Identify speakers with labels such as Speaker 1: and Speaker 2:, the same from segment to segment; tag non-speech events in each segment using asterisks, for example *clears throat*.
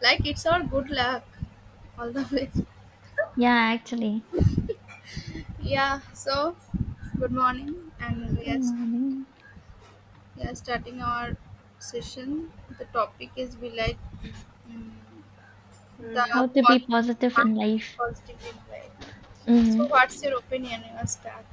Speaker 1: Like it's all good luck all the way.
Speaker 2: Yeah, actually.
Speaker 1: Yeah, so good morning and we
Speaker 2: Good
Speaker 1: are,
Speaker 2: morning.
Speaker 1: we are starting our session. The topic is we like mm the
Speaker 2: How to be
Speaker 1: positive,
Speaker 2: positive
Speaker 1: how to
Speaker 2: in
Speaker 1: be
Speaker 2: life.
Speaker 1: positively like. So
Speaker 2: hmm
Speaker 1: what's your opinion? You start.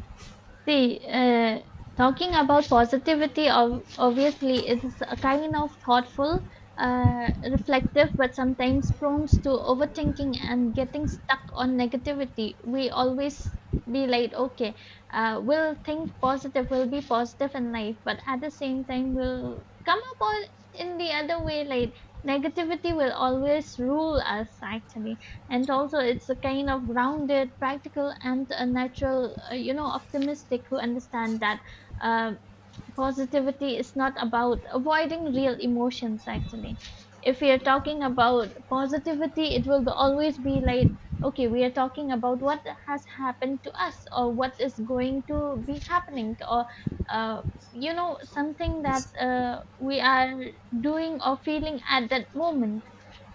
Speaker 2: See, talking about positivity, obviously, it is a kind of thoughtful, reflective, but sometimes prone to overthinking and getting stuck on negativity. We always be like, okay, we'll think positive, we'll be positive in life, but at the same time, we'll come up on in the other way, like negativity will always rule us, actually. And also it's a kind of grounded, practical, and a natural you know, optimistic who understand that uh, positivity is not about avoiding real emotions, actually. If we are talking about positivity, it will always be like, okay, we are talking about what has happened to us or what is going to be happening, or uh, you know, something that we are doing or feeling at that moment.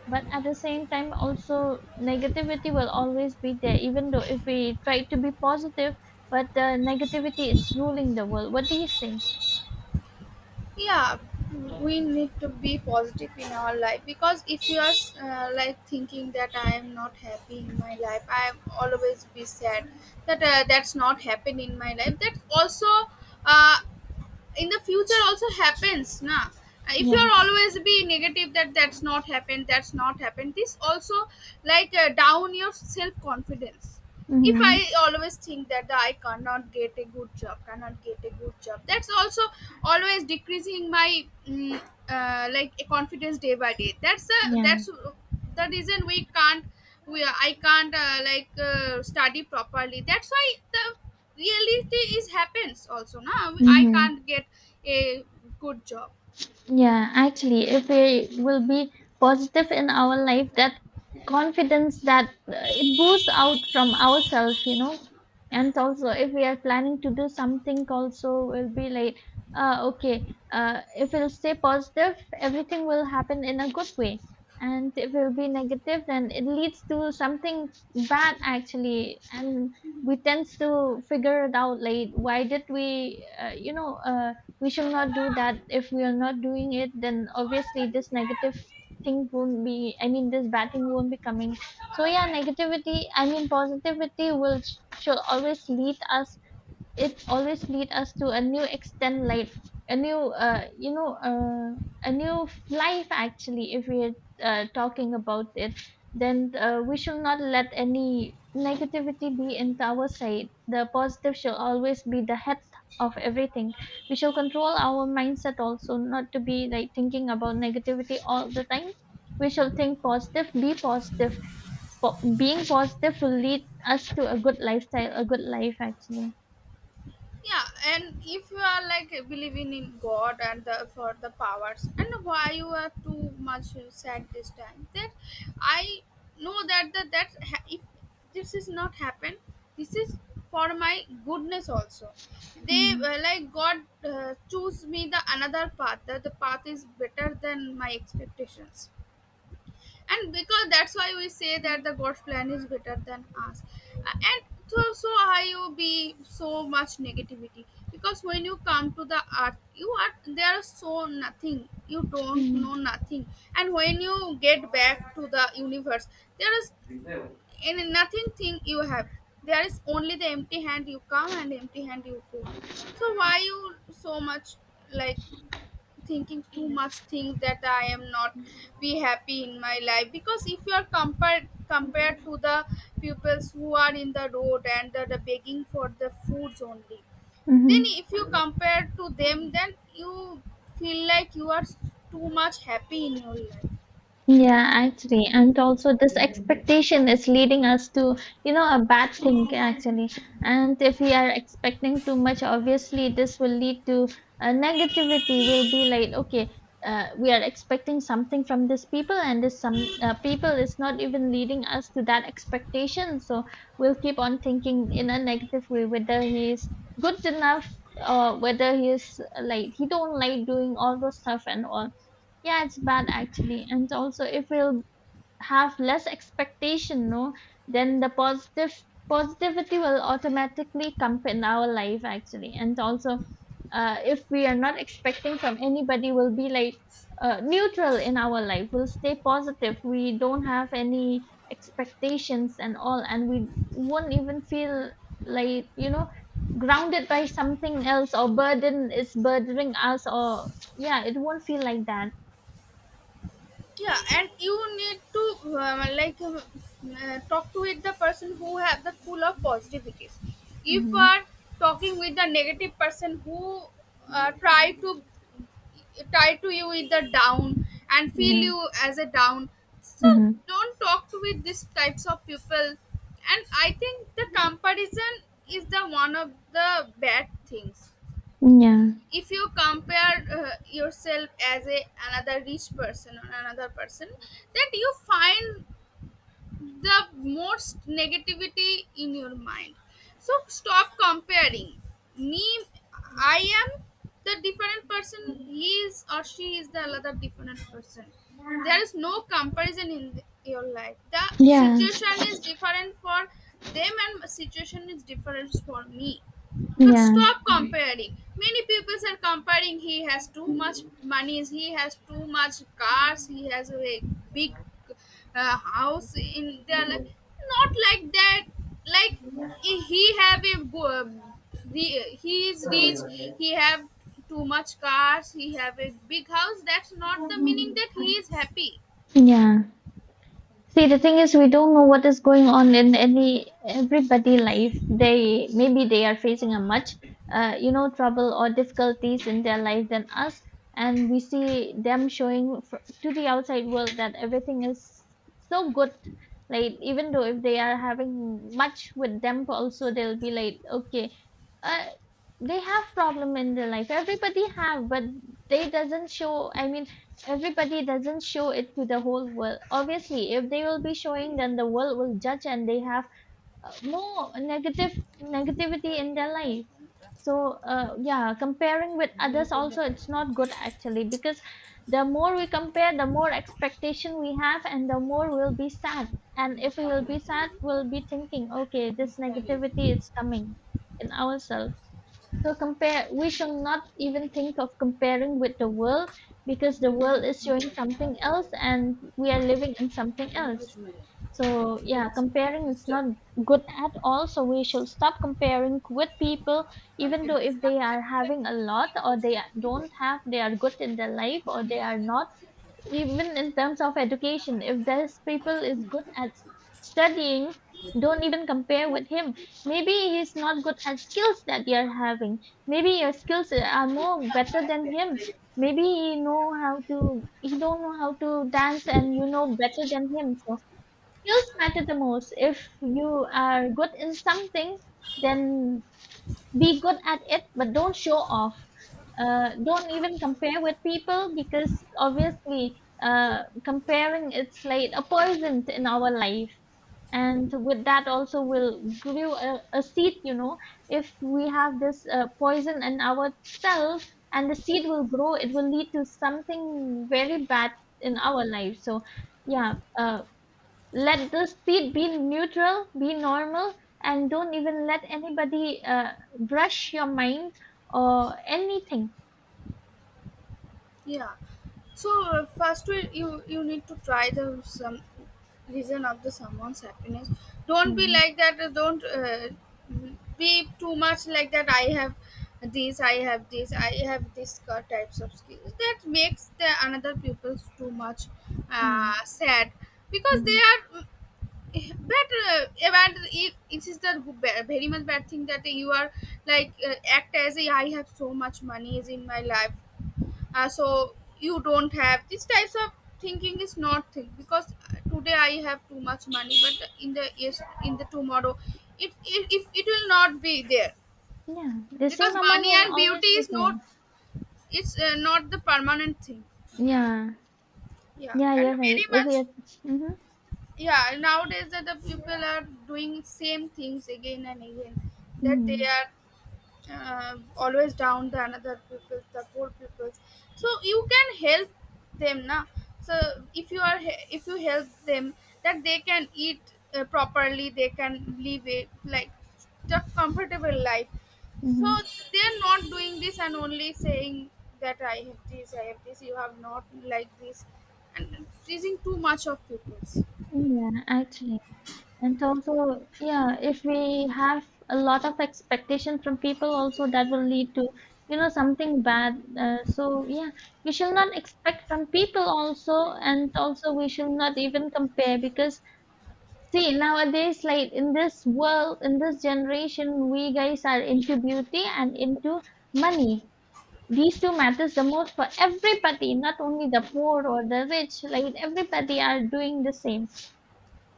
Speaker 2: But at the same time, also negativity will always be there, even though if we try to be positive, but the negativity is ruling the world. What do you think?
Speaker 1: Yeah, we need to be positive in our life, because if you are like thinking that I am not happy in my life, I am always be sad, that that's not happened in my life, that also uh, in the future also happens, na. If you
Speaker 2: Yeah.
Speaker 1: are always be negative, that's not happened, that's not happened, this also, like down your self confidence. If I
Speaker 2: Mm-hmm.
Speaker 1: always think that I cannot get a good job, cannot get a good job, that's also always decreasing my like a confidence day by day. That's the
Speaker 2: Yeah.
Speaker 1: that's the reason we can't, we I can't like study properly. That's why the reality is happens also now. I
Speaker 2: Mm-hmm.
Speaker 1: can't get a good job.
Speaker 2: Yeah, actually, if we will be positive in our life, that confidence, that it boosts out from ourselves, you know. And also, if we are planning to do something, also will be like, okay, if we'll stay positive, everything will happen in a good way. And if we'll be negative, then it leads to something bad, actually. And we tend to figure it out late. Why did we, you know, we should not do that. If we are not doing it, then obviously this negative thing won't be, I mean, this bad thing won't be coming. So, yeah, negativity, I mean, positivity will should always lead us, it always lead us to a new extent, like a new you know a new life, actually. If we're talking about it, then we should not let any negativity be into our side. The positive shall always be the head of everything. We shall control our mindset also, not to be like thinking about negativity all the time. We shall think positive, be positive. Being positive will lead us to a good lifestyle, a good life, actually.
Speaker 1: Yeah, and if you are like believing in god and the, for the powers, and why you are too much sad this time, that I know that if this is not happen, this is for my goodness also. They
Speaker 2: Mm.
Speaker 1: like god choose me the another path, that the path is better than my expectations. And because that's why we say that the god's plan is better than us. And so how you be so much negativity? Because when you come to the earth, you are, there is so nothing, you don't
Speaker 2: Mm-hmm.
Speaker 1: know nothing. And when you get back to the universe, there is in nothing thing you have, there is only the empty hand you come and empty hand you go. So why you so much like thinking too much, think that I am not be happy in my life? Because if you are compared to the pupils who are in the road and the begging for the foods only, then
Speaker 2: Mm-hmm.
Speaker 1: if you compare to them, then you feel like you are too much happy in your life.
Speaker 2: Yeah, actually, and also this expectation is leading us to, you know, a bad thing, actually. And if we are expecting too much, obviously this will lead to a negativity. Will be like, okay, we are expecting something from these people, and this some people is not even leading us to that expectation. So we'll keep on thinking in a negative way whether he is good enough, or whether he is like, he don't like doing all those stuff and all. Yeah, it's bad, actually. And also, if we'll have less expectation, no, then the positive positivity will automatically come in our life, actually. And also, if we are not expecting from anybody, we'll be like neutral in our life. We'll stay positive. We don't have any expectations and all, and we won't even feel like, you know, grounded by something else, or burden is burdening us, or yeah, it won't feel like that.
Speaker 1: Yeah, and you need to like talk to with the person who have the full of positivities. If you
Speaker 2: Мгм.
Speaker 1: are talking with the negative person who try to tie to you with the down and feel
Speaker 2: Да.
Speaker 1: you as a down, so
Speaker 2: Мгм.
Speaker 1: don't talk to with these types of people. And I think the comparison is the one of the bad things.
Speaker 2: Ня.
Speaker 1: If you compare yourself as a another rich person or another person, that you find the most negativity in your mind. So stop comparing me. I am the different person, he is or she is the other different person. There is no comparison in your life. The
Speaker 2: Я.
Speaker 1: situation is different for them and situation is different for me. So
Speaker 2: Я.
Speaker 1: stop comparing. Many people are comparing. He has too much money. He has too much cars. He has a big house. In their life. Not like that. Like he have a he is rich. He have too much cars. He have a big house. That's not the meaning that he is happy.
Speaker 2: Я. See, the thing is, we don't know what is going on in any everybody life. They, maybe they are facing a much, you know, trouble or difficulties in their life than us, and we see them showing to the outside world that everything is so good. Like, even though if they are having much with them, also they'll be like, okay, uh, they have problem in their life. Everybody have, but they doesn't show. I mean, everybody doesn't show it to the whole world. Obviously, if they will be showing, then the world will judge, and they have more negative negativity in their life. So yeah, comparing with others also, it's not good, actually, because the more we compare, the more expectation we have, and the more we'll be sad. And if we will be sad, we'll be thinking, okay, this negativity is coming in ourselves. So compare we shall not even think of comparing with the world, because the world is showing something else and we are living in something else. So yeah, comparing is not good at all. So we should stop comparing with people, even though if they are having a lot or they are- don't have, they are good in their life or they are not. Even in terms of education, if this people is good at studying, don't even compare with him. Maybe he's not good at skills that you're having. Maybe your skills are more better than him. Maybe he don't know how to dance, and you know better than him. So skills matter the most. If you are good in something, then be good at it, but don't show off. Don't even compare with people, because obviously, comparing, it's like a poison in our life. And with that also will grow a seed, you know. If we have this poison in ourselves, and the seed will grow, it will lead to something very bad in our life. So yeah, let the seat be neutral, be normal, and don't even let anybody brush your mind or anything.
Speaker 1: Yeah. So first we, you need to try the some reason of the someone's happiness. Don't be
Speaker 2: hmm
Speaker 1: like that. Don't be too much like that. I have this. I have this. I have this kind types of skills that makes the another people's too much
Speaker 2: Yeah.
Speaker 1: sad because they
Speaker 2: hmm
Speaker 1: are. But about it, it is the very much bad thing that you are like act as a, I have so much money is in my life, so you don't have these types of thinking, is not think. Because today I have too much money, but in the yes in the tomorrow, if it will not be there.
Speaker 2: Yeah. The
Speaker 1: Because
Speaker 2: same amount
Speaker 1: money
Speaker 2: will
Speaker 1: and
Speaker 2: always
Speaker 1: beauty
Speaker 2: be
Speaker 1: is
Speaker 2: there.
Speaker 1: not, it's not the permanent thing.
Speaker 2: Yeah.
Speaker 1: Yeah,
Speaker 2: Yeah,
Speaker 1: and
Speaker 2: you're right.
Speaker 1: very
Speaker 2: If
Speaker 1: much.
Speaker 2: you hmm
Speaker 1: Yeah, nowadays that the people are doing same things again and again, that they
Speaker 2: hmm
Speaker 1: are always down the another people, the poor people. So you can help them, na. So if you are if you help them, that they can eat properly, they can live it like the comfortable life. So
Speaker 2: hmm
Speaker 1: they are not doing this and only saying that I have this, I have this. You have not like this, and pleasing too much of people.
Speaker 2: Yeah, actually. And also, yeah, if we have a lot of expectation from people, also that will lead to, you know, something bad. So yeah, we shall not expect from people also, and also we shall not even compare, because see, nowadays, like in this world, in this generation, we guys are into beauty and into money. These two matters the most for everybody, not only the poor or the rich. Like everybody are doing the same.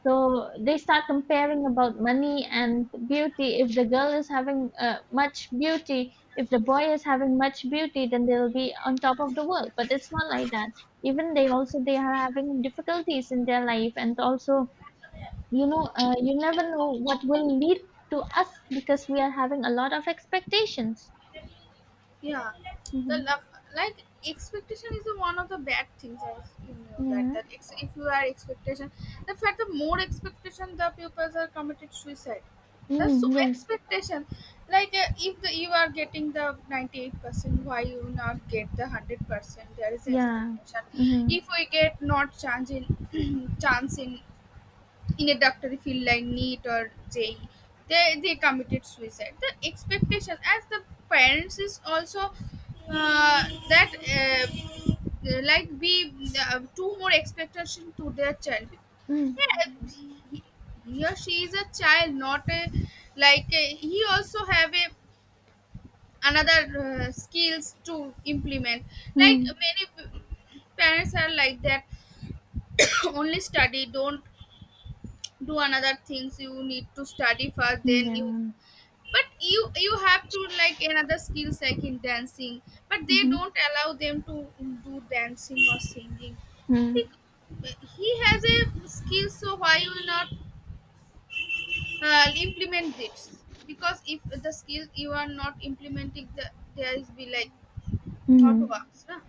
Speaker 2: So they start comparing about money and beauty. If the girl is having much beauty, if the boy is having much beauty, then they'll be on top of the world. But it's not like that. Even they also, they are having difficulties in their life, and also, you know, you never know what will lead to us, because we are having a lot of expectations.
Speaker 1: Yeah, the
Speaker 2: hmm
Speaker 1: love, like expectation is the one of the bad things. As you know that
Speaker 2: Yeah.
Speaker 1: if you are expectation, the fact the more expectation, the pupils are committed suicide. That's so
Speaker 2: Mm, yes.
Speaker 1: expectation. Like if you are getting the 98%, why you not get the 100%? There is
Speaker 2: Yeah.
Speaker 1: expectation.
Speaker 2: Mm-hmm.
Speaker 1: If we get not chance in *clears throat* chance in a doctor, field like NEET or JE, they committed suicide. The expectation as the parents is also uh, that like we too more expectation to their child. Yeah, he, he or she is a child, not a like he also have a another skills to implement. Like
Speaker 2: Mm-hmm.
Speaker 1: many parents are like that, *coughs* only study, don't do another things, you need to study first, then you.
Speaker 2: Yeah.
Speaker 1: But you have to like another skills, like in dancing, but they
Speaker 2: Mm-hmm.
Speaker 1: don't allow them to do dancing or singing. He has a skill, so why you will not implement this? Because if the skill you are not implementing, the there is be like how to
Speaker 2: Mm-hmm.
Speaker 1: works, huh?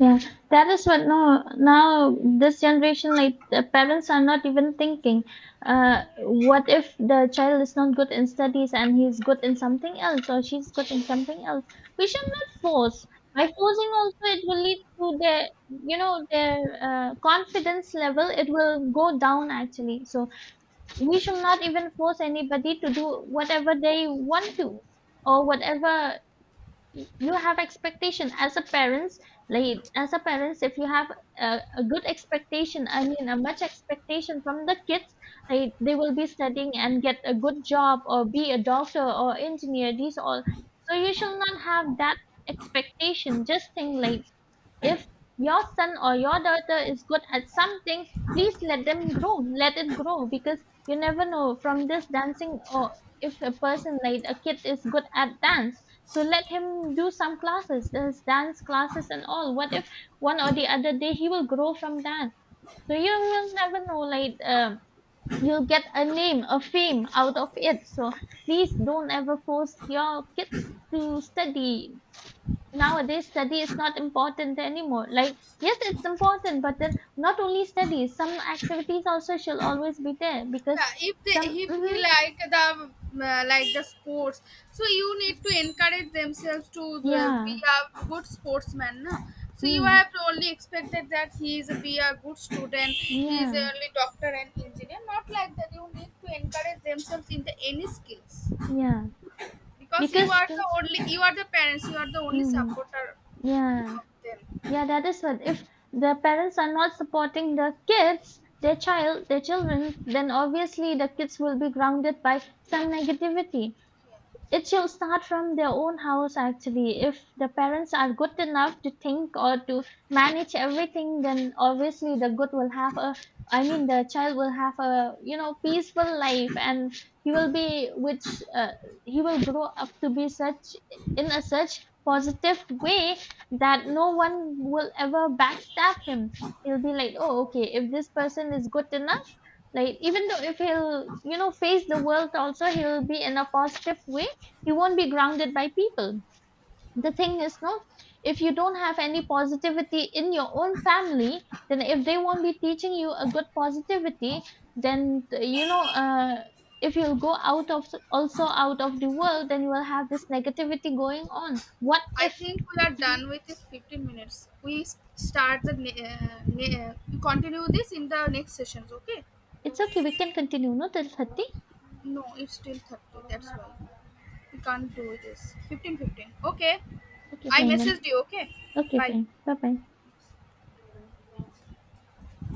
Speaker 2: Yeah, that is what. No, now this generation, like the parents are not even thinking. What if the child is not good in studies and he's good in something else, or she's good in something else? We should not force. By forcing, also, it will lead to their, you know, their confidence level. It will go down, actually. So we should not even force anybody to do whatever they want to, or whatever, you have expectation as a parents. Like, as a parents, if you have a good expectation, I mean a much expectation from the kids, like they will be studying and get a good job, or be a doctor or engineer, these all. So you shall not have that expectation. Just think like, if your son or your daughter is good at something, please let them grow. Let it grow, because you never know from this dancing, or if a person like a kid is good at dance, so let him do some classes, there's dance classes and all. What if one or
Speaker 1: Yeah.
Speaker 2: the other day he will grow from that? So you will never know, like, you'll get a name, a fame out of it. So please don't ever force your kids to study. Nowadays, study is not important anymore. Like, yes, it's important, but then not only study, some activities also shall always be there, because
Speaker 1: Yeah, if they,
Speaker 2: some
Speaker 1: if he like the sports, so you need to encourage themselves to the, be
Speaker 2: yeah,
Speaker 1: a good sportsman, no? So you
Speaker 2: mm,
Speaker 1: have to only expected that he is a, be a good student, he is
Speaker 2: yeah,
Speaker 1: only doctor and engineer. Not like that, you need to encourage themselves in the any skills,
Speaker 2: yeah,
Speaker 1: because you
Speaker 2: because
Speaker 1: are the only, you are the parents, you are the only
Speaker 2: mm,
Speaker 1: supporter
Speaker 2: yeah,
Speaker 1: of them.
Speaker 2: yeah, that is what. If the parents are not supporting the kids, their child, their children, then obviously the kids will be grounded by some negativity. It should start from their own house, actually. If the parents are good enough to think or to manage everything, then obviously the good will have a, I mean, the child will have a, you know, peaceful life, and he will be which he will grow up to be such, in a such positive way that no one will ever backstab him. He'll be like, oh okay, if this person is good enough, like even though if he'll, you know, face the world also, he'll be in a positive way. You won't be grounded by people. The thing is, no, if you don't have any positivity in your own family, then if they won't be teaching you a good positivity, then you know, if you go out of, also out of the world, then you will have this negativity going on. What
Speaker 1: I
Speaker 2: if
Speaker 1: think we are
Speaker 2: Mhm.
Speaker 1: done with this 15 minutes. We start the we continue this in the next sessions. Okay?
Speaker 2: It's okay, we can continue, no, till 30.
Speaker 1: No, it's still 30. That's why we can't do this. 15, 15. Okay.
Speaker 2: Okay,
Speaker 1: I
Speaker 2: fine then.
Speaker 1: messaged you. Okay.
Speaker 2: Okay,
Speaker 1: Bye.
Speaker 2: fine. Bye bye.